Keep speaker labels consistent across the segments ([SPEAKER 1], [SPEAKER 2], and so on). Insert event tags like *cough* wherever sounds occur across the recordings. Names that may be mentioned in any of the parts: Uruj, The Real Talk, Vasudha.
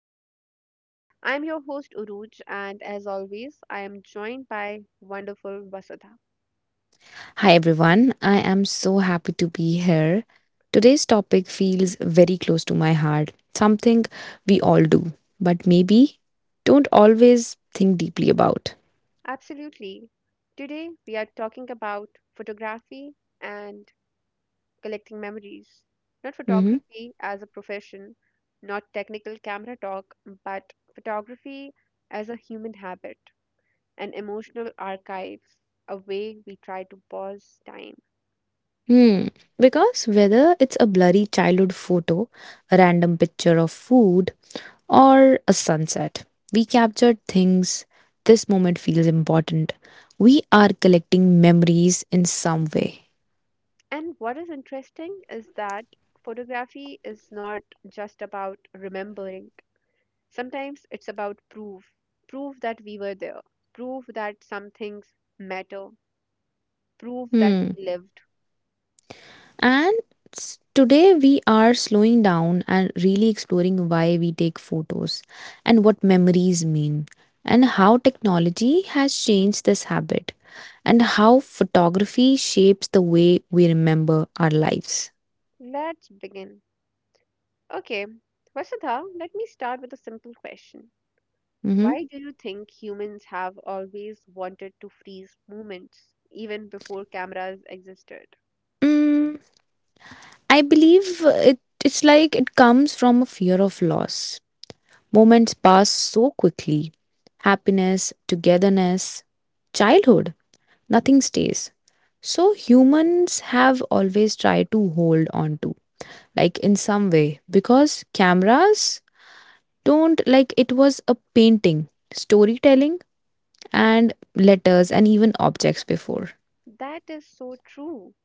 [SPEAKER 1] The Real Talk. I'm your host, Uruj, and as always, I am joined by wonderful Vasudha.
[SPEAKER 2] Hi everyone, I am so happy to be here. Today's topic feels very close to my heart, something we all do, but maybe don't always think deeply about.
[SPEAKER 1] Absolutely. Today, we are talking about photography and collecting memories. Not
[SPEAKER 2] hmm
[SPEAKER 1] photography as a profession, not technical camera talk, but photography as a human habit, an emotional archive, a way we try to pause time.
[SPEAKER 2] Hmm. Because whether it's a blurry childhood photo, a random picture of food, or a sunset, we captured things. This moment feels important. We are collecting memories in some way.
[SPEAKER 1] And what is interesting is that photography is not just about remembering. Sometimes it's about proof that we were there, proof that some things matter, proof that
[SPEAKER 2] Hmm.
[SPEAKER 1] we lived.
[SPEAKER 2] And today we are slowing down and really exploring why we take photos and what memories mean and how technology has changed this habit and how photography shapes the way we remember our lives.
[SPEAKER 1] Let's begin. Okay, Vasudha, let me start with a simple question.
[SPEAKER 2] Mhm.
[SPEAKER 1] Why do you think humans have always wanted to freeze moments even before cameras existed?
[SPEAKER 2] Mm, I believe it's like it comes from a fear of loss. Moments pass so quickly, happiness, togetherness, childhood, nothing stays. So humans have always tried to hold on to, like, in some way, because cameras don't, like it was a painting, storytelling, and letters and even objects before.
[SPEAKER 1] That is so true.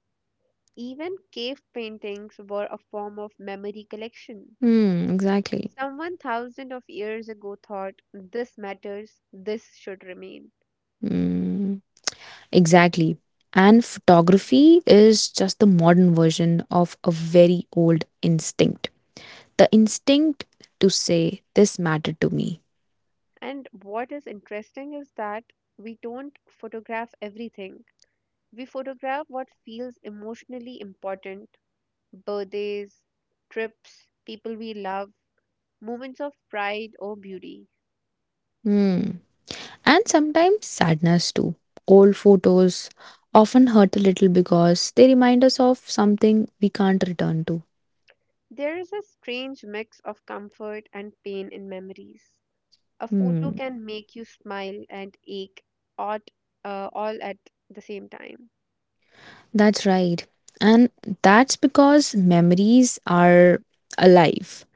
[SPEAKER 1] Even cave paintings were a form of memory collection.
[SPEAKER 2] Hmm, exactly.
[SPEAKER 1] Someone thousands of years ago thought, this matters, this should remain.
[SPEAKER 2] Hmm, exactly. And photography is just the modern version of a very old instinct. The instinct to say, this mattered to me.
[SPEAKER 1] And what is interesting is that we don't photograph everything. We photograph what feels emotionally important: birthdays, trips, people we love, moments of pride or beauty.
[SPEAKER 2] Hmm. And sometimes sadness too. Old photos often hurt a little because they remind us of something we can't return to.
[SPEAKER 1] There is a strange mix of comfort and pain in memories. A photo
[SPEAKER 2] Hmm,
[SPEAKER 1] can make you smile and ache at, all at the same time.
[SPEAKER 2] that's right. And that's because memories are alive.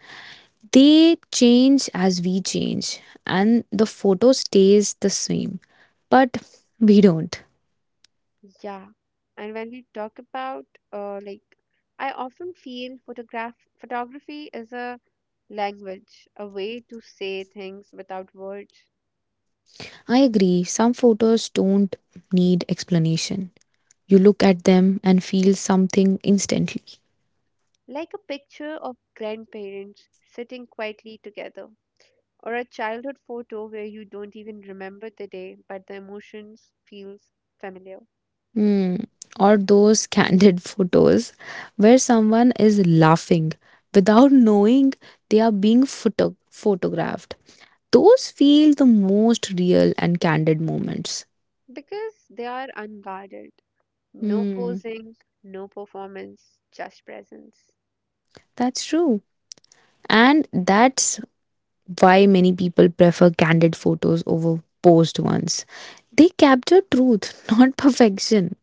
[SPEAKER 2] They change as we change, and the photo stays the same. But we don't.
[SPEAKER 1] Yeah. And when we talk about, like, I often feel photography is a language, a way to say things without words.
[SPEAKER 2] I agree, some photos don't need explanation. You look at them and feel something instantly.
[SPEAKER 1] Like a picture of grandparents sitting quietly together, or a childhood photo where you don't even remember the day, but the emotions feels familiar
[SPEAKER 2] Hmm. Or those candid *laughs* photos where someone is laughing without knowing they are being photographed. Those feel the most real and candid moments.
[SPEAKER 1] because they are unguarded. No
[SPEAKER 2] Hmm.
[SPEAKER 1] posing, no performance, just presence.
[SPEAKER 2] That's true. And that's why many people prefer candid photos over posed ones. They capture truth, *laughs* not perfection.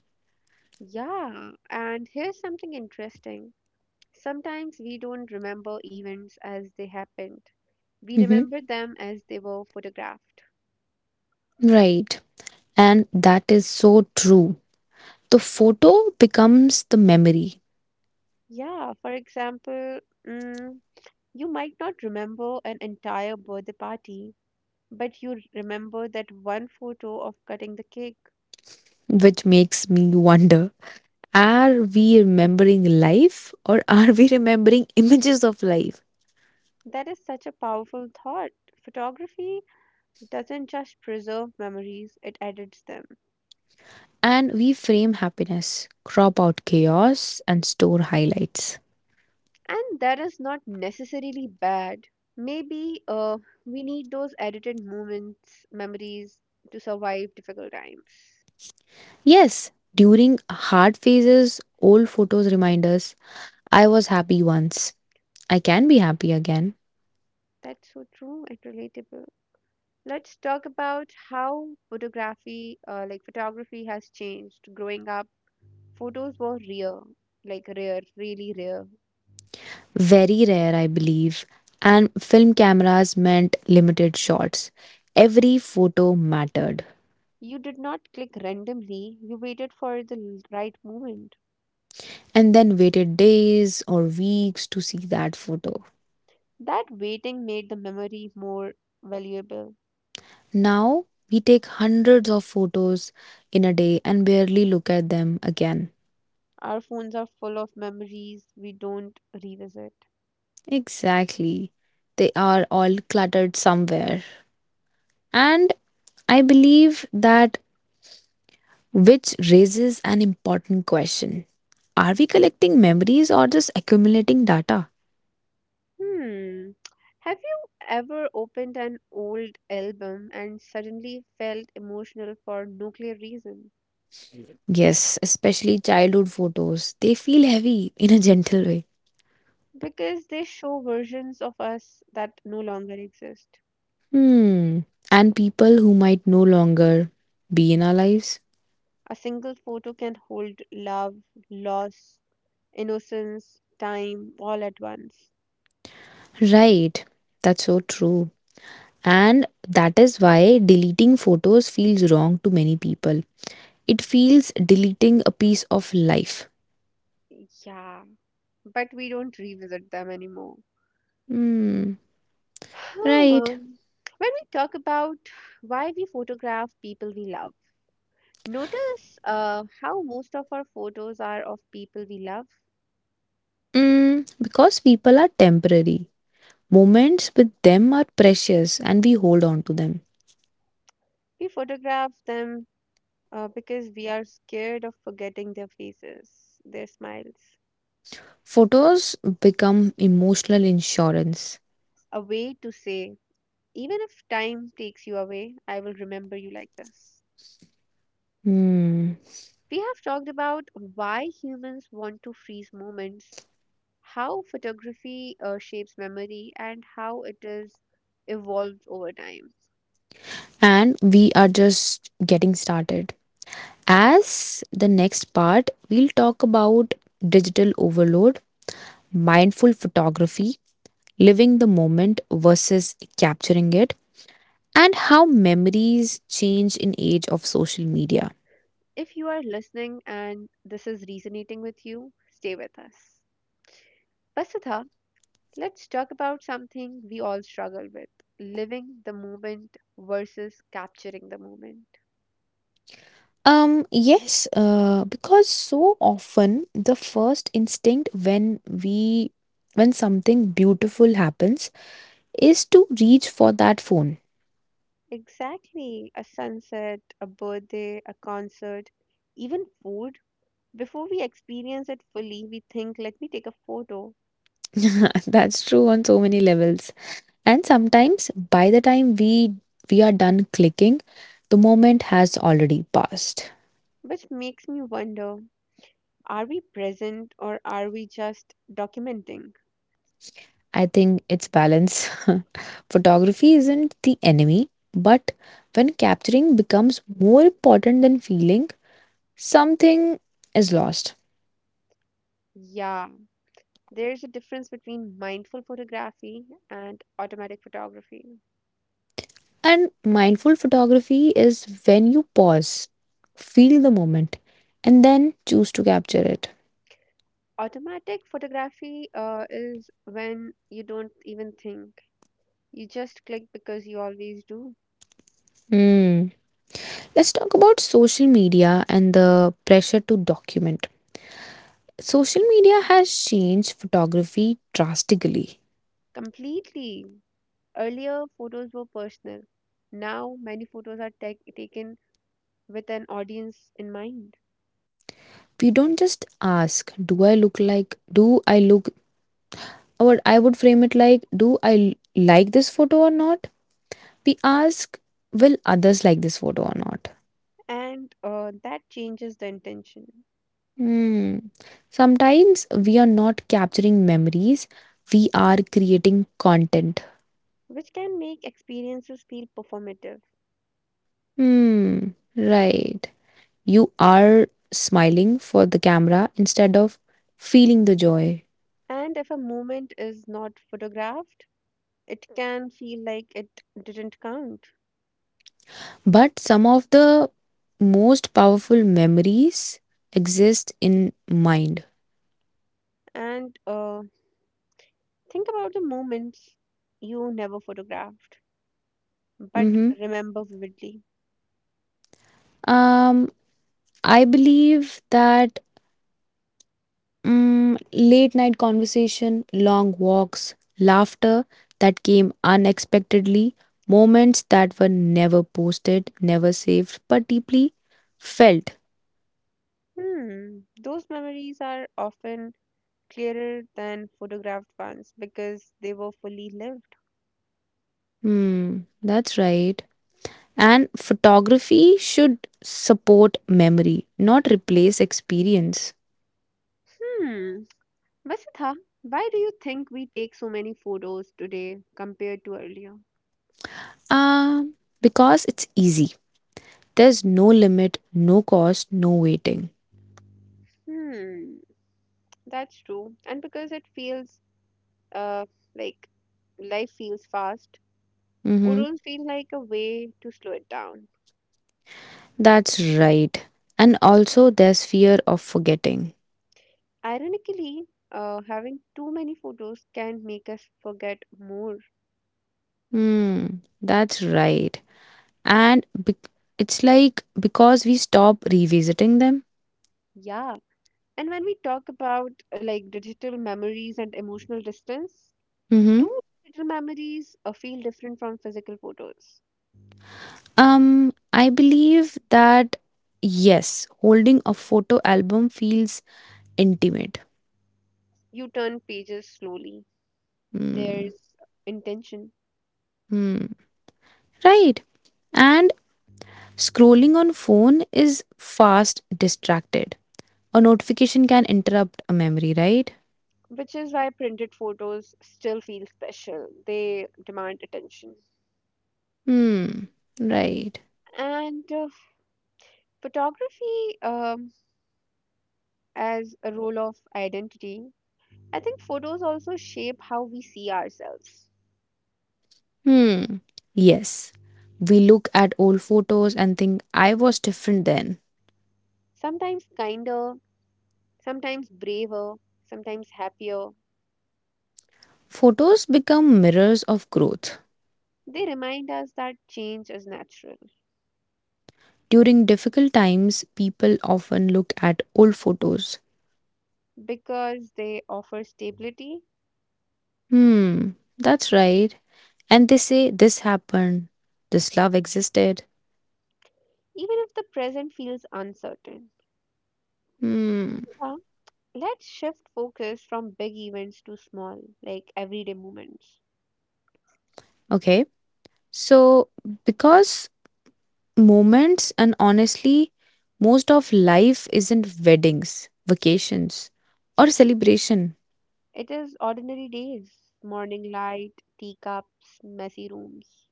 [SPEAKER 1] Yeah, and here's something interesting. Sometimes we don't remember events as they happened, we
[SPEAKER 2] hmm
[SPEAKER 1] remember them as they were photographed.
[SPEAKER 2] Right. And that is so true. The photo becomes the memory,
[SPEAKER 1] Yeah, for example, mm, you might not remember an entire birthday party, but you remember that one photo of cutting the cake.
[SPEAKER 2] which makes me wonder, are we remembering life or are we remembering images of life?
[SPEAKER 1] That is such a powerful thought. Photography doesn't just preserve memories, it edits them.
[SPEAKER 2] And we frame happiness, crop out chaos, and store highlights.
[SPEAKER 1] And that is not necessarily bad. Maybe we need those edited moments, memories to survive difficult times.
[SPEAKER 2] Yes, during hard phases, old photos remind us, I was happy once, I can be happy again.
[SPEAKER 1] That's so true and relatable. Let's talk about how photography, like photography, has changed. Growing up, photos were rare, like rare, really rare.
[SPEAKER 2] Very rare, I believe. And film cameras meant limited shots. Every photo mattered.
[SPEAKER 1] You did not click randomly, you waited for the right moment.
[SPEAKER 2] And then waited days or weeks to see that photo.
[SPEAKER 1] That waiting made the memory more valuable.
[SPEAKER 2] Now we take hundreds of photos in a day and barely look at them again.
[SPEAKER 1] Our phones are full of memories we don't revisit.
[SPEAKER 2] Exactly. They are all cluttered somewhere. And I believe that which raises an important question. Are we collecting memories or just accumulating data?
[SPEAKER 1] Hmm. Have you ever opened an old album and suddenly felt emotional for no clear reason?
[SPEAKER 2] Yes, especially childhood photos. They feel heavy in a gentle way.
[SPEAKER 1] Because they show versions of us that no longer exist.
[SPEAKER 2] Hmm. And people who might no longer be in our lives.
[SPEAKER 1] A single photo can hold love, loss, innocence, time all at once.
[SPEAKER 2] Right. That's so true. And that is why deleting photos feels wrong to many people. It feels deleting a piece of life.
[SPEAKER 1] Yeah, but we don't revisit them anymore.
[SPEAKER 2] Hmm,
[SPEAKER 1] Hmm.
[SPEAKER 2] right.
[SPEAKER 1] When we talk about why we photograph people we love, notice how most of our photos are of people we love.
[SPEAKER 2] Mm, because people are temporary. Moments with them are precious and we hold on to them.
[SPEAKER 1] We photograph them because we are scared of forgetting their faces, their smiles.
[SPEAKER 2] Photos become emotional insurance.
[SPEAKER 1] A way to say, even if time takes you away, I will remember you like this.
[SPEAKER 2] Hmm.
[SPEAKER 1] We have talked about why humans want to freeze moments, how photography shapes memory, and how it is evolved over time.
[SPEAKER 2] And we are just getting started. As the next part, we'll talk about digital overload, mindful photography, living the moment versus capturing it, and how memories change in age of social media.
[SPEAKER 1] If you are listening and this is resonating with you, stay with us. Vasudha, let's talk about something we all struggle with: living the moment versus capturing the moment.
[SPEAKER 2] Yes, because so often the first instinct when something beautiful happens is to reach for that phone.
[SPEAKER 1] Exactly. A sunset, a birthday, a concert, even food. Before we experience it fully, we think, let me take a photo,
[SPEAKER 2] *laughs* That's true on so many levels. And sometimes by the time we are done clicking, the moment has already passed.
[SPEAKER 1] which makes me wonder, are we present or are we just documenting?
[SPEAKER 2] I think it's balance. *laughs* Photography isn't the enemy, but when capturing becomes more important than feeling, something is lost.
[SPEAKER 1] Yeah, there's a difference between mindful photography and automatic photography.
[SPEAKER 2] And mindful photography is when you pause, feel the moment, and then choose to capture it.
[SPEAKER 1] Automatic photography is when you don't even think, you just click because you always do.
[SPEAKER 2] Hmm. Let's talk about social media and the pressure to document. Social media has changed photography drastically.
[SPEAKER 1] Completely. Earlier, photos were personal. Now, many photos are taken with an audience in mind.
[SPEAKER 2] We don't just ask, do I look like, do I look or I would frame it like, do I like this photo or not? We ask, will others like this photo or not?
[SPEAKER 1] And that changes the intention,
[SPEAKER 2] Hmm. Sometimes we are not capturing memories, we are creating content.
[SPEAKER 1] which can make experiences feel performative.
[SPEAKER 2] Hmm. Right. You are smiling for the camera instead of feeling the joy.
[SPEAKER 1] And if a moment is not photographed, it can feel like it didn't count.
[SPEAKER 2] But some of the most powerful memories exist in mind.
[SPEAKER 1] And think about the moments you never photographed but
[SPEAKER 2] hmm
[SPEAKER 1] remember vividly.
[SPEAKER 2] Um, I believe that late night conversation, long walks, laughter that came unexpectedly, moments that were never posted, never saved, but deeply felt.
[SPEAKER 1] Hmm, those memories are often clearer than photographed ones because they were fully lived.
[SPEAKER 2] Hmm, that's right. And photography should support memory, not replace experience.
[SPEAKER 1] Hmm, Vasudha, why do you think we take so many photos today compared to earlier?
[SPEAKER 2] Um, because it's easy. There's no limit, no cost, no waiting.
[SPEAKER 1] Hmm, that's true. And because it feels uh, like life feels fast,
[SPEAKER 2] Mm-hmm.
[SPEAKER 1] photos feel like a way to slow it down.
[SPEAKER 2] That's right. And also, there's fear of forgetting.
[SPEAKER 1] Ironically, having too many photos can make us forget more.
[SPEAKER 2] Hmm, that's right. And it's like because we stop revisiting them.
[SPEAKER 1] Yeah. And when we talk about like digital memories and emotional distance,
[SPEAKER 2] Mm-hmm.
[SPEAKER 1] do digital memories feel different from physical photos?
[SPEAKER 2] I believe that Yes, holding a photo album feels intimate.
[SPEAKER 1] You turn pages slowly.
[SPEAKER 2] Hmm.
[SPEAKER 1] There's intention,
[SPEAKER 2] Hmm. Right. And scrolling on phone is fast distracted. A notification can interrupt a memory, right?
[SPEAKER 1] which is why printed photos still feel special. They demand attention.
[SPEAKER 2] Hmm. Right.
[SPEAKER 1] And photography as a role of identity, I think photos also shape how we see ourselves.
[SPEAKER 2] Hmm. Yes. We look at old photos and think, I was different then.
[SPEAKER 1] Sometimes kinder, sometimes braver, sometimes happier.
[SPEAKER 2] Photos become mirrors of growth.
[SPEAKER 1] They remind us that change is natural
[SPEAKER 2] During difficult times, people often look at old photos.
[SPEAKER 1] because they offer stability,
[SPEAKER 2] Hmm, that's right. And they say, this happened, this love existed.
[SPEAKER 1] even if the present feels uncertain.
[SPEAKER 2] Hmm,
[SPEAKER 1] Yeah. Let's shift focus from big events to small, like everyday moments.
[SPEAKER 2] okay. So, because moments and honestly, most of life isn't weddings, vacations, or celebration.
[SPEAKER 1] It is ordinary days, morning light, teacups, messy rooms.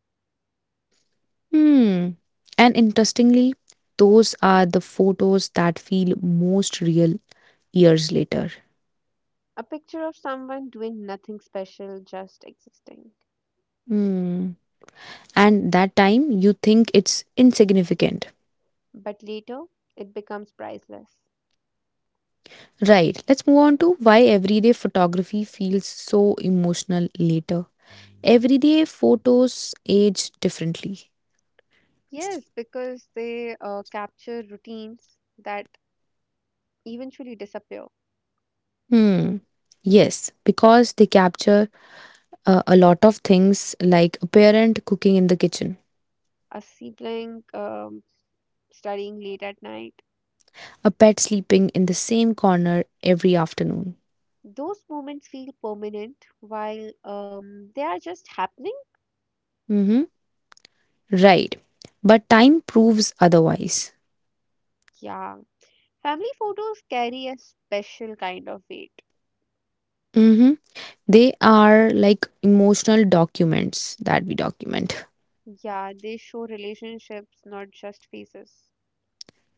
[SPEAKER 2] Hmm. And interestingly, those are the photos that feel most real years later.
[SPEAKER 1] A picture of someone doing nothing special, just existing.
[SPEAKER 2] Hmm. And that time you think it's insignificant.
[SPEAKER 1] But later, it becomes priceless.
[SPEAKER 2] Right. Let's move on to why everyday photography feels so emotional later. Everyday photos age differently.
[SPEAKER 1] Yes, because they capture routines that eventually disappear.
[SPEAKER 2] Hmm. Yes, because they capture a lot of things like a parent cooking in the kitchen,
[SPEAKER 1] A sibling studying late at night.
[SPEAKER 2] a pet sleeping in the same corner every afternoon.
[SPEAKER 1] Those moments feel permanent while they are just happening.
[SPEAKER 2] Mhm. Right. But time proves otherwise.
[SPEAKER 1] Yeah. Family photos carry a special kind of weight.
[SPEAKER 2] Mm-hmm. They are like emotional documents that we document.
[SPEAKER 1] Yeah, they show relationships, not just faces.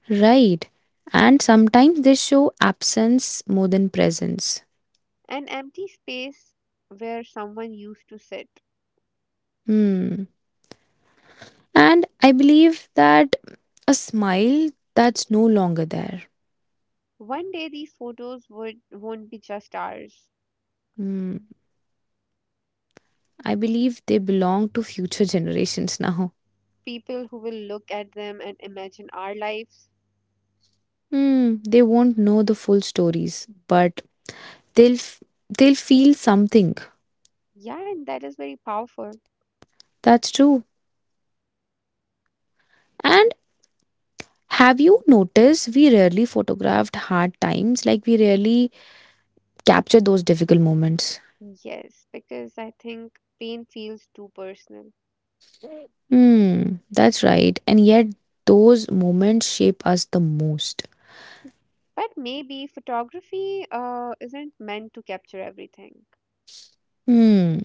[SPEAKER 2] Right. And sometimes they show absence more than presence.
[SPEAKER 1] An empty space where someone used to sit.
[SPEAKER 2] Hmm. And I believe that A smile that's no longer there.
[SPEAKER 1] One day these photos would won't be just ours.
[SPEAKER 2] Hmm. I believe they belong to future *laughs* generations now.
[SPEAKER 1] People who will look at them and imagine our lives.
[SPEAKER 2] Hmm. They won't know the full stories, but they'll f- they'll feel something.
[SPEAKER 1] Yeah, and that is very powerful.
[SPEAKER 2] That's true. And have you noticed we rarely photographed hard times? Like, we rarely capture those difficult moments.
[SPEAKER 1] Yes, because I think pain feels too personal.
[SPEAKER 2] Hmm, that's right. And yet, those moments shape us the most.
[SPEAKER 1] But maybe photography isn't meant to capture everything.
[SPEAKER 2] Hmm,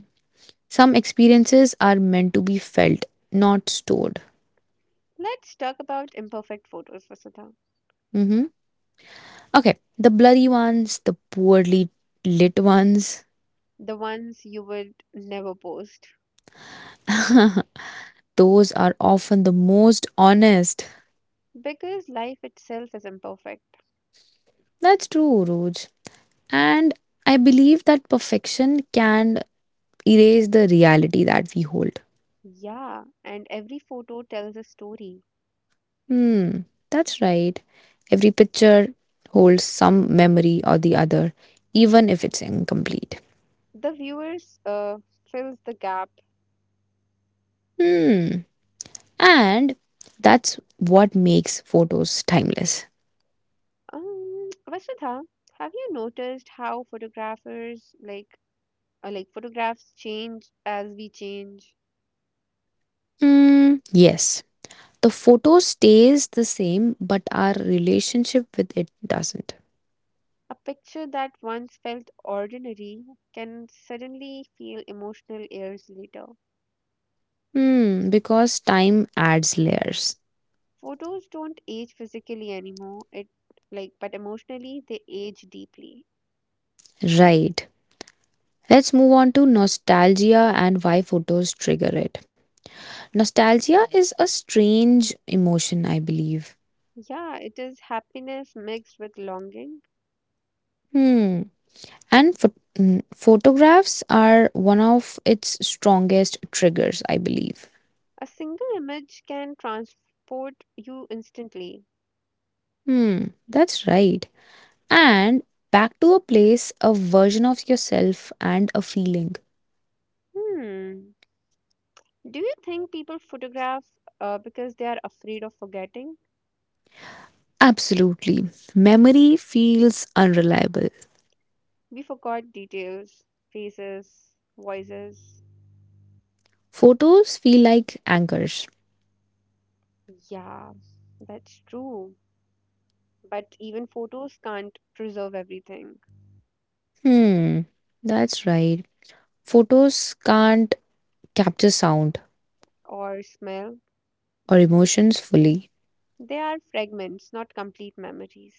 [SPEAKER 2] some experiences are meant to be felt, not stored.
[SPEAKER 1] Let's talk about imperfect photos, Vasudha.
[SPEAKER 2] Mm-hmm. Okay, the blurry ones, the poorly lit ones,
[SPEAKER 1] The ones you would never post.
[SPEAKER 2] *laughs* those are often the most honest.
[SPEAKER 1] Because life itself is imperfect.
[SPEAKER 2] That's true, Roj. And I believe that Perfection can erase the reality that we hold.
[SPEAKER 1] Yeah, and every photo tells a story.
[SPEAKER 2] Hmm, that's right. Every picture holds some memory or the other, even if it's incomplete.
[SPEAKER 1] The viewers fills the gap.
[SPEAKER 2] Hmm, and that's what makes photos timeless.
[SPEAKER 1] Vasudha, have you noticed how photographers like photographs change as we change?
[SPEAKER 2] Hmm, yes. The photo stays the same, but our relationship with it doesn't.
[SPEAKER 1] A picture that once felt ordinary can suddenly feel emotional years later.
[SPEAKER 2] Hmm, because time adds layers.
[SPEAKER 1] Photos don't age physically anymore. It like but emotionally they age deeply.
[SPEAKER 2] Right. Let's move on to nostalgia and why photos trigger it. Nostalgia is a strange emotion, I believe.
[SPEAKER 1] Yeah, it is happiness mixed with longing.
[SPEAKER 2] Hmm. And photographs are one of its strongest triggers, I believe.
[SPEAKER 1] A single image can transport you instantly.
[SPEAKER 2] Hmm. That's right. And back to a place, a version of yourself, and a feeling.
[SPEAKER 1] Hmm. Do you think people photograph because they are afraid of forgetting?
[SPEAKER 2] Absolutely. Memory feels unreliable.
[SPEAKER 1] We forgot details, faces, voices.
[SPEAKER 2] Photos feel like anchors.
[SPEAKER 1] Yeah, that's true. But even photos can't preserve everything,
[SPEAKER 2] Hmm. That's right. Photos can't capture sound
[SPEAKER 1] or smell.
[SPEAKER 2] or emotions fully.
[SPEAKER 1] They are fragments, not complete memories.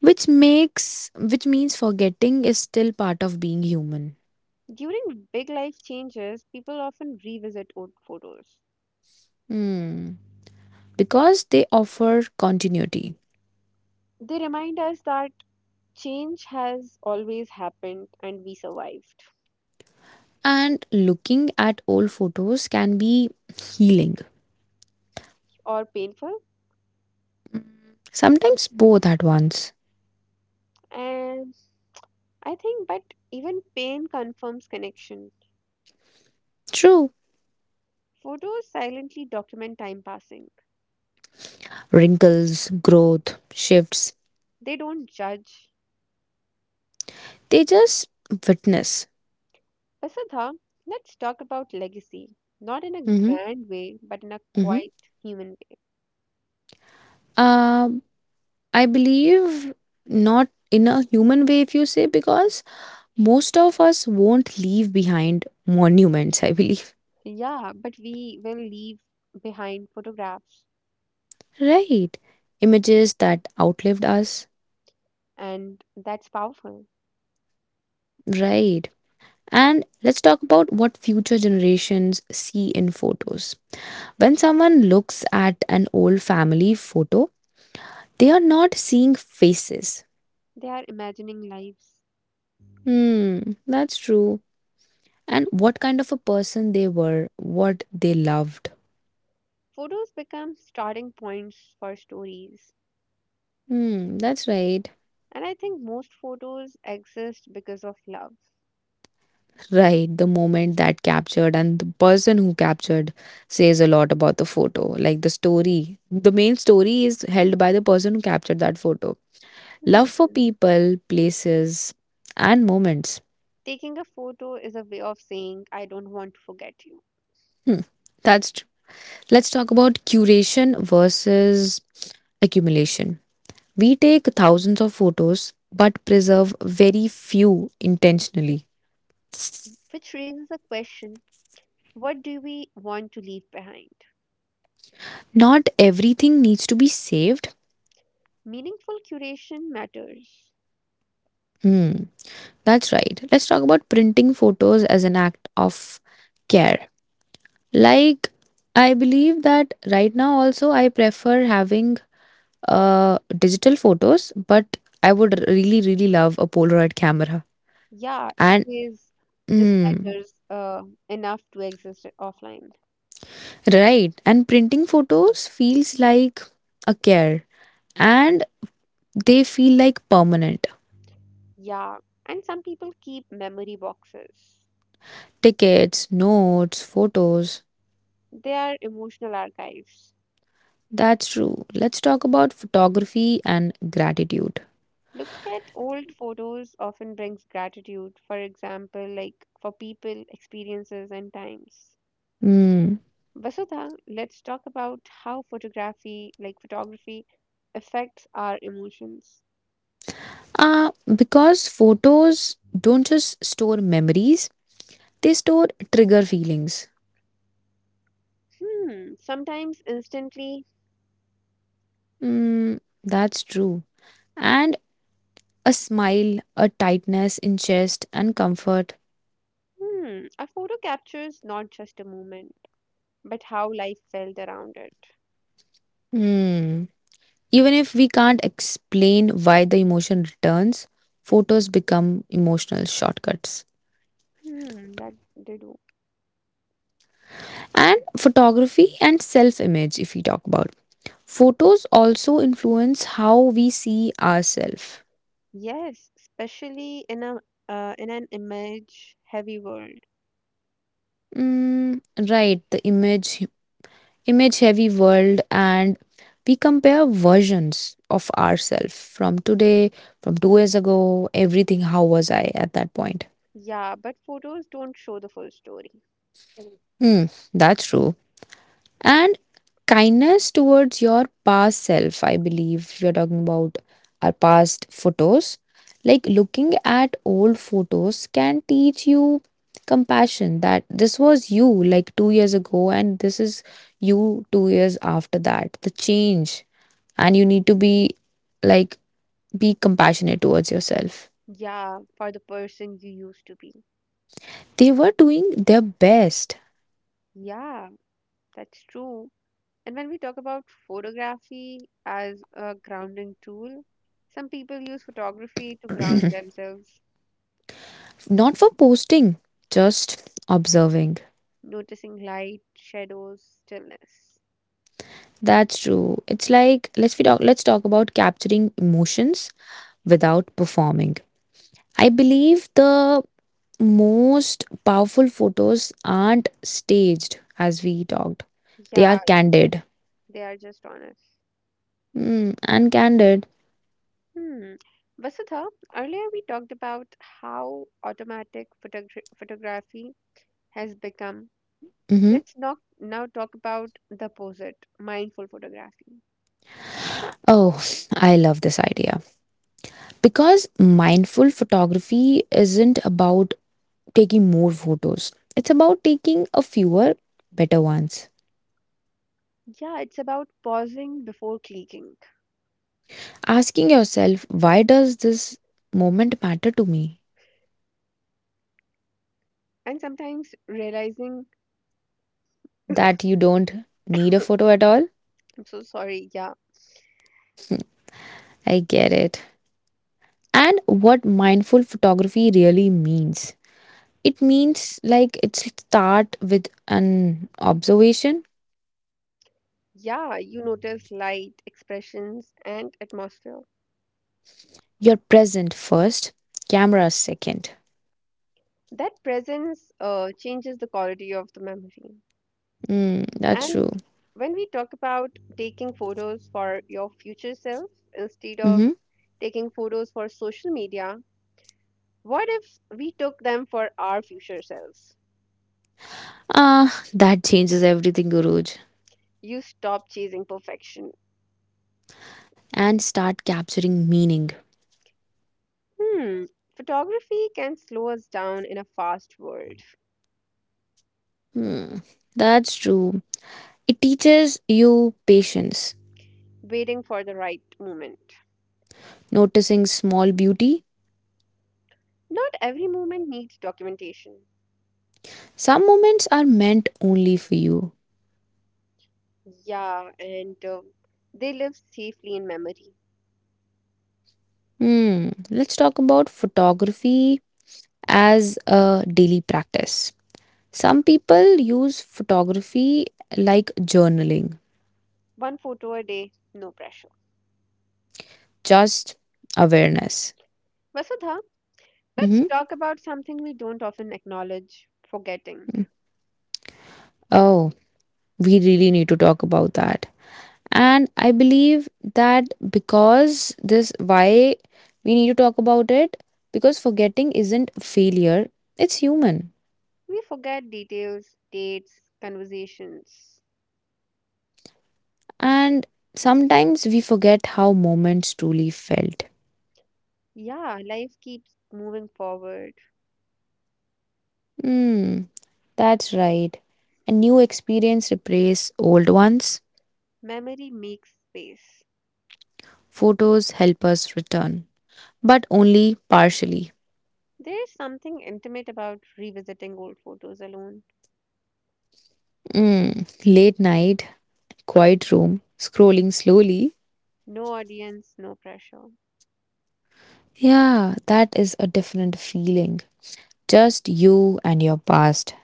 [SPEAKER 2] Which means forgetting is still part of being human.
[SPEAKER 1] During big life changes, people often revisit old photos.
[SPEAKER 2] Hmm. Because they offer continuity.
[SPEAKER 1] They remind us that change has always happened and we survived,
[SPEAKER 2] And looking at old photos can be healing,
[SPEAKER 1] or painful.
[SPEAKER 2] sometimes both at once.
[SPEAKER 1] And I think but even pain confirms connection.
[SPEAKER 2] True.
[SPEAKER 1] Photos silently document time passing.
[SPEAKER 2] Wrinkles, growth, shifts,
[SPEAKER 1] They don't judge.
[SPEAKER 2] they just witness.
[SPEAKER 1] Vasudha, let's talk about legacy, not in a
[SPEAKER 2] Mm-hmm,
[SPEAKER 1] grand way but in a
[SPEAKER 2] mm-hmm.
[SPEAKER 1] quiet human
[SPEAKER 2] Uh, I believe, not in a human way if you say, because most of us won't leave behind monuments, I believe.
[SPEAKER 1] way. Yeah, but we will leave behind photographs,
[SPEAKER 2] Right. Images that outlived us.
[SPEAKER 1] and that's powerful.
[SPEAKER 2] Right. And let's talk about what future generations see in photos. When someone looks at an old family photo, they are not seeing faces.
[SPEAKER 1] They are imagining lives.
[SPEAKER 2] Hmm, that's true. And what kind of a person they were, what they loved.
[SPEAKER 1] Photos become starting points for stories.
[SPEAKER 2] Hmm, that's right.
[SPEAKER 1] And I think most photos exist because of love.
[SPEAKER 2] Right, the moment that captured and the person who captured says a lot about the photo, like the story. The main story is held by the person who captured that photo.
[SPEAKER 1] Hmm.
[SPEAKER 2] Love for people, places, and moments.
[SPEAKER 1] Taking a photo is a way of saying, I don't want to forget you.
[SPEAKER 2] Hmm, that's true. Let's talk about curation versus accumulation. We take thousands of photos but preserve very few intentionally.
[SPEAKER 1] Which raises a question, what do we want to leave behind?
[SPEAKER 2] Not everything needs to be saved.
[SPEAKER 1] Meaningful curation matters.
[SPEAKER 2] Hmm. That's right. Let's talk about printing photos as an act of care. Like, I believe that right now also I prefer having digital photos, but I would really, really love a Polaroid camera.
[SPEAKER 1] Yeah, it
[SPEAKER 2] And,
[SPEAKER 1] says this
[SPEAKER 2] mm,
[SPEAKER 1] matters enough to exist offline.
[SPEAKER 2] right. And printing photos feels like a care and they feel like permanent.
[SPEAKER 1] Yeah, and some people keep memory boxes,
[SPEAKER 2] Tickets, notes, photos.
[SPEAKER 1] they are emotional archives.
[SPEAKER 2] That's true. Let's talk about photography and gratitude.
[SPEAKER 1] Looking at old photos often brings gratitude, for example, like for people, experiences, and times.
[SPEAKER 2] Hmm.
[SPEAKER 1] Vasudha, let's talk about how photography, like photography, affects our emotions.
[SPEAKER 2] Because photos don't just store memories, they store trigger feelings.
[SPEAKER 1] Hmm, sometimes instantly,
[SPEAKER 2] Mm, that's true. And a smile, a tightness in chest, and comfort.
[SPEAKER 1] a photo captures not just a moment, but how life felt around it.
[SPEAKER 2] Hmm. Even if we can't explain why the emotion returns, photos become emotional shortcuts.
[SPEAKER 1] Hmm, that they do.
[SPEAKER 2] And photography and self image, if we talk about. Photos also influence how we see ourselves.
[SPEAKER 1] Yes, especially in a in an image heavy world.
[SPEAKER 2] Mm, right, the image heavy world and we compare versions of ourselves from today, from 2 years ago, everything. How was I at that point?
[SPEAKER 1] Yeah, but photos don't show the full story.
[SPEAKER 2] Hmm, that's true. And kindness towards your past self, I believe we are talking about our past photos. Like looking at old photos can teach you compassion that this was you like 2 years ago, and this is you 2 years after that. The change, and you need to like be compassionate towards yourself.
[SPEAKER 1] Yeah, for the person you used to be.
[SPEAKER 2] They were doing their best.
[SPEAKER 1] Yeah, that's true. And when we talk about photography as a grounding tool, some people use photography to ground
[SPEAKER 2] *clears throat*
[SPEAKER 1] themselves,
[SPEAKER 2] Not for posting, just observing.
[SPEAKER 1] noticing light, shadows, stillness.
[SPEAKER 2] That's true. It's like, let's talk about capturing emotions without performing. I believe the most powerful photos aren't staged, as we talked. They are
[SPEAKER 1] Yeah,
[SPEAKER 2] candid.
[SPEAKER 1] they are just honest.
[SPEAKER 2] Mm. And candid.
[SPEAKER 1] Hmm. Vasudha, earlier we talked about how automatic photography has become.
[SPEAKER 2] Hmm.
[SPEAKER 1] Let's not now talk about the opposite, mindful photography.
[SPEAKER 2] Oh, *laughs* I love this idea, because mindful photography isn't about taking more photos, it's about taking a fewer better ones.
[SPEAKER 1] Yeah, it's about pausing before clicking
[SPEAKER 2] Asking yourself, why does this moment matter to me?
[SPEAKER 1] and sometimes realizing,
[SPEAKER 2] That you don't need a photo at all.
[SPEAKER 1] I'm so sorry, yeah,
[SPEAKER 2] I get it. And what mindful photography really means, it means like, it start with an observation.
[SPEAKER 1] yeah, you notice light, expressions, and atmosphere.
[SPEAKER 2] You're present first, camera second.
[SPEAKER 1] That presence changes the quality of the memory.
[SPEAKER 2] Mm, that's
[SPEAKER 1] And
[SPEAKER 2] true.
[SPEAKER 1] when we talk about taking photos for your future self instead of
[SPEAKER 2] Hmm.
[SPEAKER 1] taking photos for social media, what if we took them for our future selves?
[SPEAKER 2] Ah, that changes everything, Guruj.
[SPEAKER 1] You stop chasing perfection.
[SPEAKER 2] And start capturing meaning.
[SPEAKER 1] Hmm, photography can slow us down in a fast world,
[SPEAKER 2] Hmm, that's true. It teaches you patience,
[SPEAKER 1] waiting for the right moment.
[SPEAKER 2] noticing small beauty.
[SPEAKER 1] Not every moment needs documentation.
[SPEAKER 2] Some moments are meant only for you.
[SPEAKER 1] Yeah, and they live safely in memory.
[SPEAKER 2] Hmm, let's talk about photography as a daily practice. Some people use photography like journaling,
[SPEAKER 1] One photo a day, no pressure.
[SPEAKER 2] just awareness.
[SPEAKER 1] Vasudha, let's
[SPEAKER 2] Mm-hmm.
[SPEAKER 1] talk about something we don't often acknowledge: forgetting.
[SPEAKER 2] Oh, we really need to talk about that. And I believe that, because this why we need to talk about it, because forgetting isn't failure, it's human.
[SPEAKER 1] We forget details, dates, conversations.
[SPEAKER 2] And sometimes we forget how moments truly felt.
[SPEAKER 1] Yeah, life keeps moving forward.
[SPEAKER 2] Hmm, that's right. A new experience replaces old ones.
[SPEAKER 1] Memory makes space.
[SPEAKER 2] Photos help us return, but only partially.
[SPEAKER 1] There's something intimate about revisiting old photos alone.
[SPEAKER 2] Mm, late night, quiet room, scrolling slowly.
[SPEAKER 1] No audience, no pressure.
[SPEAKER 2] Yeah, that is a different feeling. Just you and your past.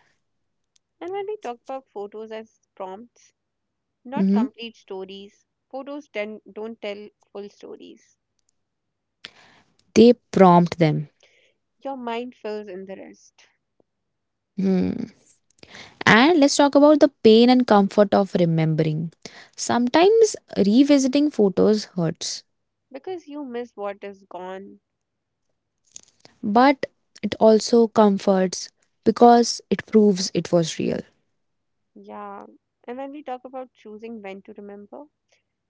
[SPEAKER 1] And when we talk about photos as prompts, not
[SPEAKER 2] Mhm.
[SPEAKER 1] complete stories, photos don't tell full stories.
[SPEAKER 2] They prompt them.
[SPEAKER 1] Your mind fills in the rest
[SPEAKER 2] Hmm. And let's talk about the pain and comfort of remembering. Sometimes revisiting photos hurts,
[SPEAKER 1] because you miss what is gone.
[SPEAKER 2] but it also comforts because it proves it was real.
[SPEAKER 1] Yeah. And when we talk about choosing when to remember,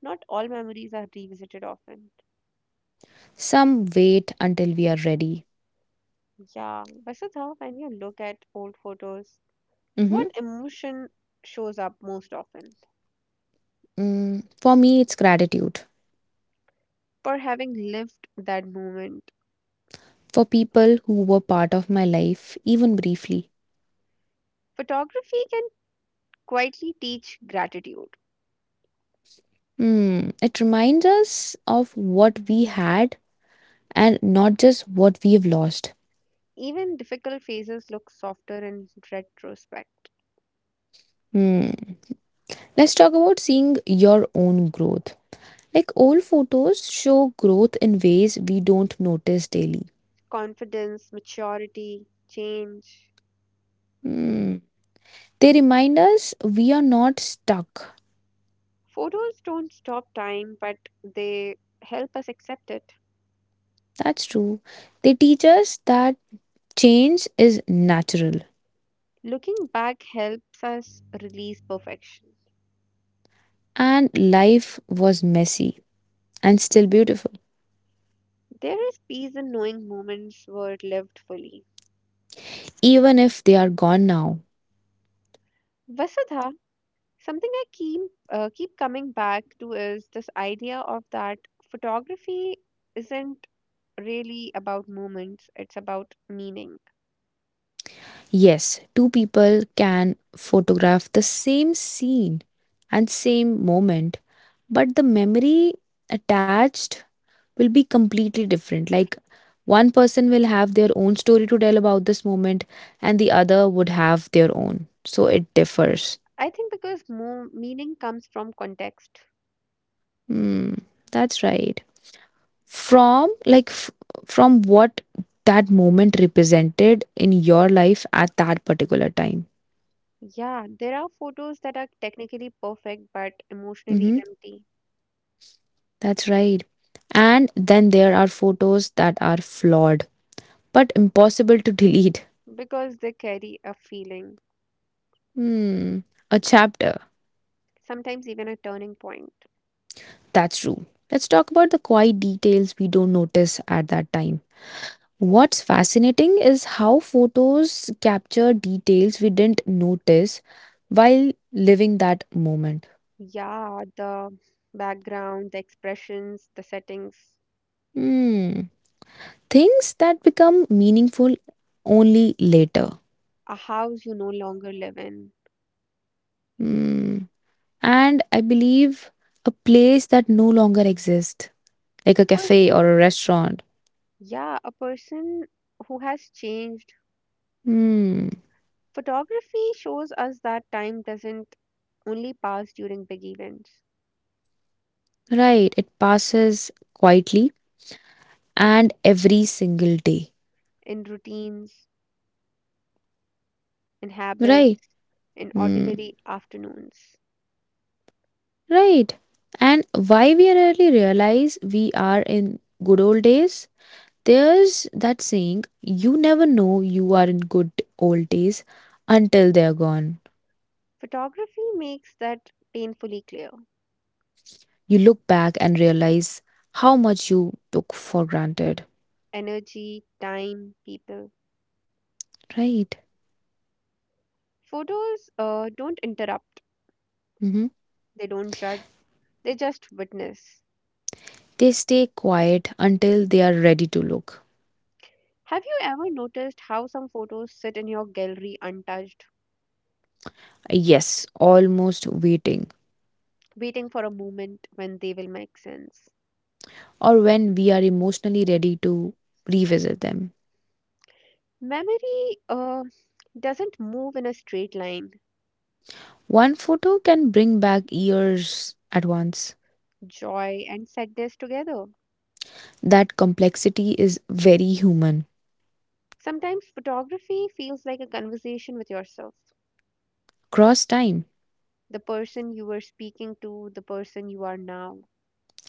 [SPEAKER 1] not all memories are revisited often.
[SPEAKER 2] Some wait until we are ready.
[SPEAKER 1] Yeah. Vasudha, when you look at old photos, what
[SPEAKER 2] Mhm.
[SPEAKER 1] emotion shows up most often?
[SPEAKER 2] Mm, for me, it's gratitude
[SPEAKER 1] For having lived that moment.
[SPEAKER 2] for people who were part of my life, even briefly.
[SPEAKER 1] Photography can quietly teach gratitude.
[SPEAKER 2] Hmm. It reminds us of what we had and not just what we've lost.
[SPEAKER 1] Even difficult phases look softer in retrospect.
[SPEAKER 2] Hmm. Let's talk about seeing your own growth. Like old photos show growth in ways we don't notice daily.
[SPEAKER 1] Confidence, maturity, change.
[SPEAKER 2] Hmm. They remind us we are not stuck.
[SPEAKER 1] Photos don't stop time, but they help us accept it.
[SPEAKER 2] That's true. They teach us that change is natural
[SPEAKER 1] Looking back helps us release perfection.
[SPEAKER 2] and life was messy and still beautiful,
[SPEAKER 1] There is peace in knowing moments were lived fully.
[SPEAKER 2] even if they are gone now.
[SPEAKER 1] Vasudha, something I keep keep coming back to is this idea of that photography isn't really about moments, it's about meaning.
[SPEAKER 2] Yes, two people can photograph the same scene and same moment, but the memory attached will be completely different. Like one person will have their own story to tell about this moment, and the other would have their own. So it differs.
[SPEAKER 1] I think because meaning comes from context.
[SPEAKER 2] Hmm, that's right. From like f- from what that moment represented in your life at that particular time.
[SPEAKER 1] Yeah, there are photos that are technically perfect but emotionally
[SPEAKER 2] Mm-hmm.
[SPEAKER 1] empty
[SPEAKER 2] That's right. And then there are photos that are flawed but impossible to delete.
[SPEAKER 1] because they carry a feeling,
[SPEAKER 2] Hmm, a chapter.
[SPEAKER 1] sometimes even a turning point.
[SPEAKER 2] That's true. Let's talk about the quiet details we don't notice at that time. What's fascinating is how photos capture details we didn't notice while living that moment.
[SPEAKER 1] Yeah, the background, the expressions, the settings,
[SPEAKER 2] Hmm, things that become meaningful only later.
[SPEAKER 1] a house you no longer live in,
[SPEAKER 2] Hmm, and I believe a place that no longer exists, like
[SPEAKER 1] a
[SPEAKER 2] a cafe
[SPEAKER 1] person.
[SPEAKER 2] or a restaurant.
[SPEAKER 1] Yeah, a person who has changed.
[SPEAKER 2] Hmm,
[SPEAKER 1] Photography shows us that time doesn't only pass during big events,
[SPEAKER 2] right. It passes quietly and every single day.
[SPEAKER 1] in routines, in
[SPEAKER 2] Right.
[SPEAKER 1] habits, in
[SPEAKER 2] Hmm,
[SPEAKER 1] ordinary afternoons.
[SPEAKER 2] right. And why we rarely realize we are in good old days? There's that saying, you never know you are in good old days until they're gone.
[SPEAKER 1] Photography makes that painfully clear.
[SPEAKER 2] You look back and realize how much you took for granted.
[SPEAKER 1] Energy, time, people.
[SPEAKER 2] Right.
[SPEAKER 1] Photos don't interrupt,
[SPEAKER 2] Hmm.
[SPEAKER 1] they don't judge, they just witness.
[SPEAKER 2] They stay quiet until they are ready to look.
[SPEAKER 1] Have you ever noticed how some photos sit in your gallery untouched,
[SPEAKER 2] Yes, almost waiting,
[SPEAKER 1] waiting for a moment when they will make sense?
[SPEAKER 2] or when we are emotionally ready to revisit them.
[SPEAKER 1] Memory doesn't move in a straight line.
[SPEAKER 2] One photo can bring back years at once.
[SPEAKER 1] Joy and sadness together.
[SPEAKER 2] That complexity is very human.
[SPEAKER 1] Sometimes photography feels like a conversation with yourself,
[SPEAKER 2] Cross time,
[SPEAKER 1] the person you were speaking to, the person you are now.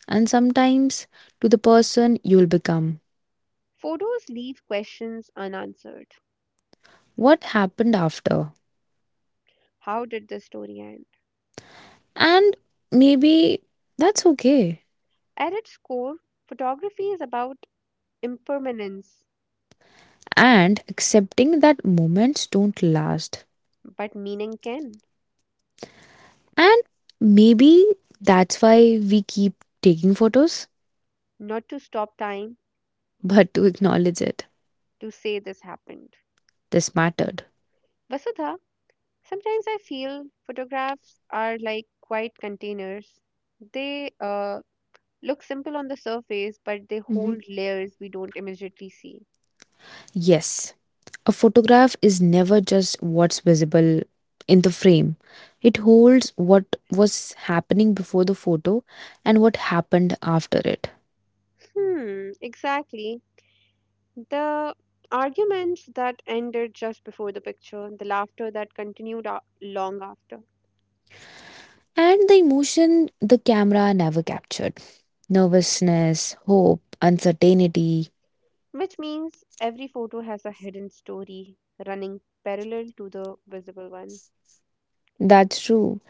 [SPEAKER 2] and sometimes to the person you'll become.
[SPEAKER 1] Photos leave questions unanswered.
[SPEAKER 2] What happened after?
[SPEAKER 1] How did this story end?
[SPEAKER 2] And maybe that's okay.
[SPEAKER 1] At its core, photography is about impermanence,
[SPEAKER 2] And accepting that moments don't last.
[SPEAKER 1] but meaning can.
[SPEAKER 2] And maybe that's why we keep taking photos,
[SPEAKER 1] Not to stop time,
[SPEAKER 2] *laughs* but to acknowledge it.
[SPEAKER 1] to say this happened.
[SPEAKER 2] This mattered.
[SPEAKER 1] Vasudha, sometimes I feel photographs are like quiet containers. They look simple on the surface, but they
[SPEAKER 2] Hmm.
[SPEAKER 1] hold layers we don't immediately see.
[SPEAKER 2] Yes, a photograph is never just what's visible in the frame. It holds what was happening before the photo and what happened after it.
[SPEAKER 1] Hmm, exactly. The arguments that ended just before the picture, the laughter that continued long after.
[SPEAKER 2] And the emotion the camera never captured, nervousness, hope, uncertainty.
[SPEAKER 1] Which means every photo has a hidden story running parallel to the visible one.
[SPEAKER 2] That's true.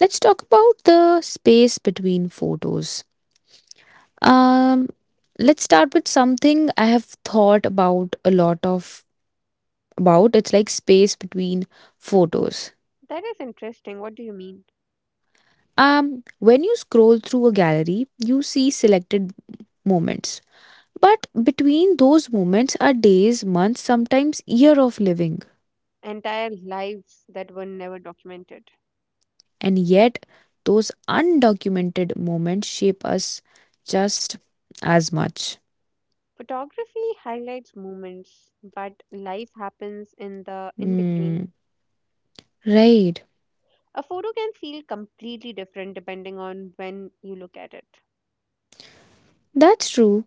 [SPEAKER 2] Let's talk about the space between photos. Um, let's start with something I have thought about a lot of, about, it's like space between photos.
[SPEAKER 1] That is interesting. What do you mean?
[SPEAKER 2] Um when you scroll through a gallery, you see selected moments, but between those moments are days, months, sometimes year of living.
[SPEAKER 1] Entire lives that were never documented.
[SPEAKER 2] And yet those undocumented moments shape us just as much.
[SPEAKER 1] Photography highlights moments, but life happens in the in
[SPEAKER 2] Hmm,
[SPEAKER 1] between.
[SPEAKER 2] right,
[SPEAKER 1] A photo can feel completely different depending on when you look at it.
[SPEAKER 2] that's true.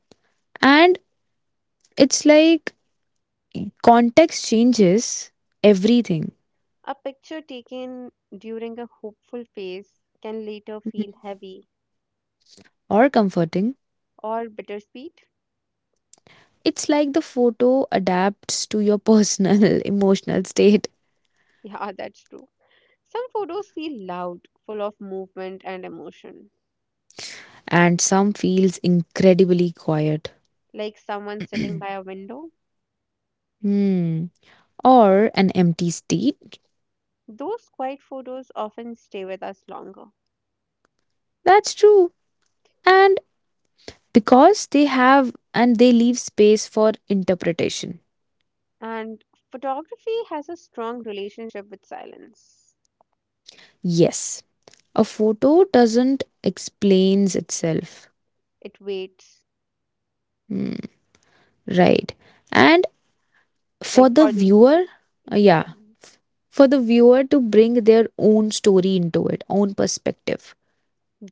[SPEAKER 2] And it's like context changes everything.
[SPEAKER 1] A picture taken during a hopeful phase can later feel
[SPEAKER 2] Mhm.
[SPEAKER 1] heavy
[SPEAKER 2] Or comforting.
[SPEAKER 1] or bittersweet. *laughs*
[SPEAKER 2] It's like the photo adapts to your personal *laughs* emotional state.
[SPEAKER 1] Yeah, that's true. Some photos feel loud, full of movement and emotion,
[SPEAKER 2] And some feels incredibly quiet.
[SPEAKER 1] like someone
[SPEAKER 2] *clears throat*
[SPEAKER 1] sitting by a window.
[SPEAKER 2] Hmm. Or an empty state.
[SPEAKER 1] Those quiet photos often stay with us longer.
[SPEAKER 2] That's true. And because they have and they leave space for interpretation.
[SPEAKER 1] And photography has a strong relationship with silence.
[SPEAKER 2] Yes. A photo doesn't explains itself.
[SPEAKER 1] It waits,
[SPEAKER 2] Hmm. Right. And for
[SPEAKER 1] like
[SPEAKER 2] the
[SPEAKER 1] for the
[SPEAKER 2] viewer,
[SPEAKER 1] yeah.
[SPEAKER 2] yeah. For the viewer to bring their own story into it, own perspective.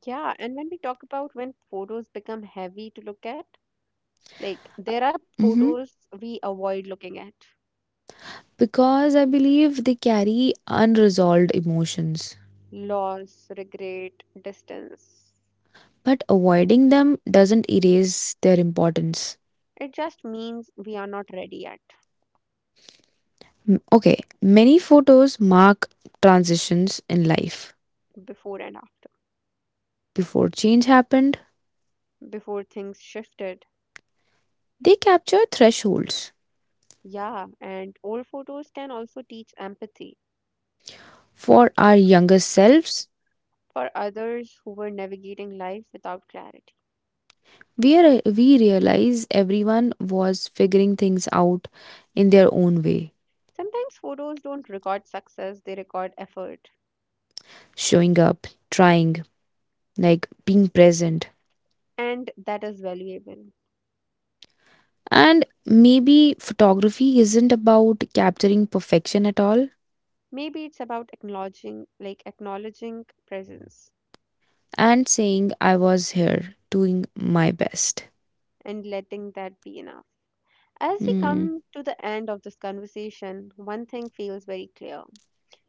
[SPEAKER 1] Yeah, and when we talk about when photos become heavy to look at, like there are
[SPEAKER 2] Hmm.
[SPEAKER 1] photos we avoid looking at.
[SPEAKER 2] Because I believe they carry unresolved emotions,
[SPEAKER 1] Loss, regret, distance.
[SPEAKER 2] but avoiding them doesn't erase their importance.
[SPEAKER 1] It just means we are not ready yet,
[SPEAKER 2] Okay, many photos mark transitions in life.
[SPEAKER 1] before and after,
[SPEAKER 2] Before change happened,
[SPEAKER 1] before things shifted.
[SPEAKER 2] they capture thresholds.
[SPEAKER 1] Yeah, and old photos can also teach empathy
[SPEAKER 2] For our younger selves,
[SPEAKER 1] for others who were navigating life without clarity.
[SPEAKER 2] we realize everyone was figuring things out in their own way,
[SPEAKER 1] Sometimes photos don't record success, they record effort,
[SPEAKER 2] showing up, trying, like being present.
[SPEAKER 1] and that is valuable.
[SPEAKER 2] And maybe photography isn't about capturing perfection at all,
[SPEAKER 1] Maybe it's about acknowledging like acknowledging presence
[SPEAKER 2] and saying I was here doing my best.
[SPEAKER 1] and letting that be enough. As we
[SPEAKER 2] Mm,
[SPEAKER 1] come to the end of this conversation, one thing feels very clear.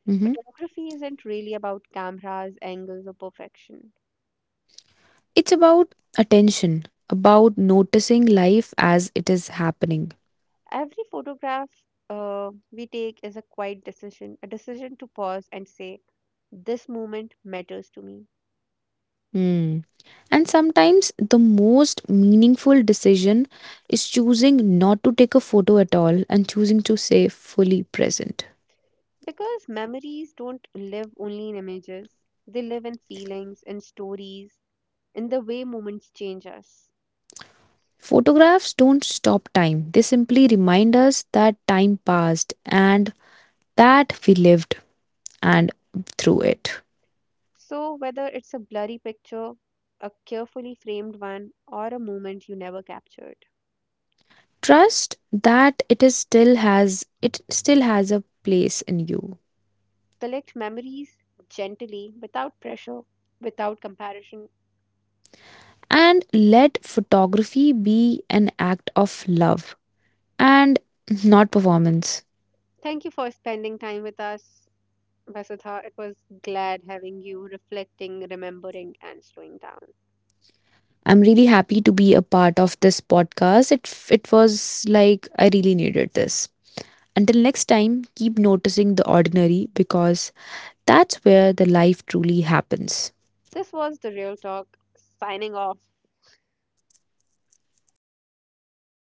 [SPEAKER 2] mhm.
[SPEAKER 1] Photography isn't really about cameras, angles, or perfection.
[SPEAKER 2] It's about attention, about noticing life as it is happening.
[SPEAKER 1] Every photograph we take is a quiet decision, a decision to pause and say, this moment matters to me.
[SPEAKER 2] Mm. And sometimes the most meaningful decision is choosing not to take a photo at all and choosing to stay fully present.
[SPEAKER 1] Because memories don't live only in images, they live in feelings, in stories, in the way moments change us.
[SPEAKER 2] Photographs don't stop time, they simply remind us that time passed and that we lived and through it.
[SPEAKER 1] So, whether it's a blurry picture, a carefully framed one, or a moment you never captured,
[SPEAKER 2] Trust that it still has a place in you.
[SPEAKER 1] collect memories gently, without pressure, without comparison.
[SPEAKER 2] And let photography be an act of love and not performance.
[SPEAKER 1] Thank you for spending time with us, Vasudha. It was glad having you reflecting, remembering, and slowing down.
[SPEAKER 2] I'm really happy to be a part of this podcast. It was like I really needed this. Until next time, keep noticing the ordinary because that's where the life truly happens.
[SPEAKER 1] This was The Real Talk, signing off.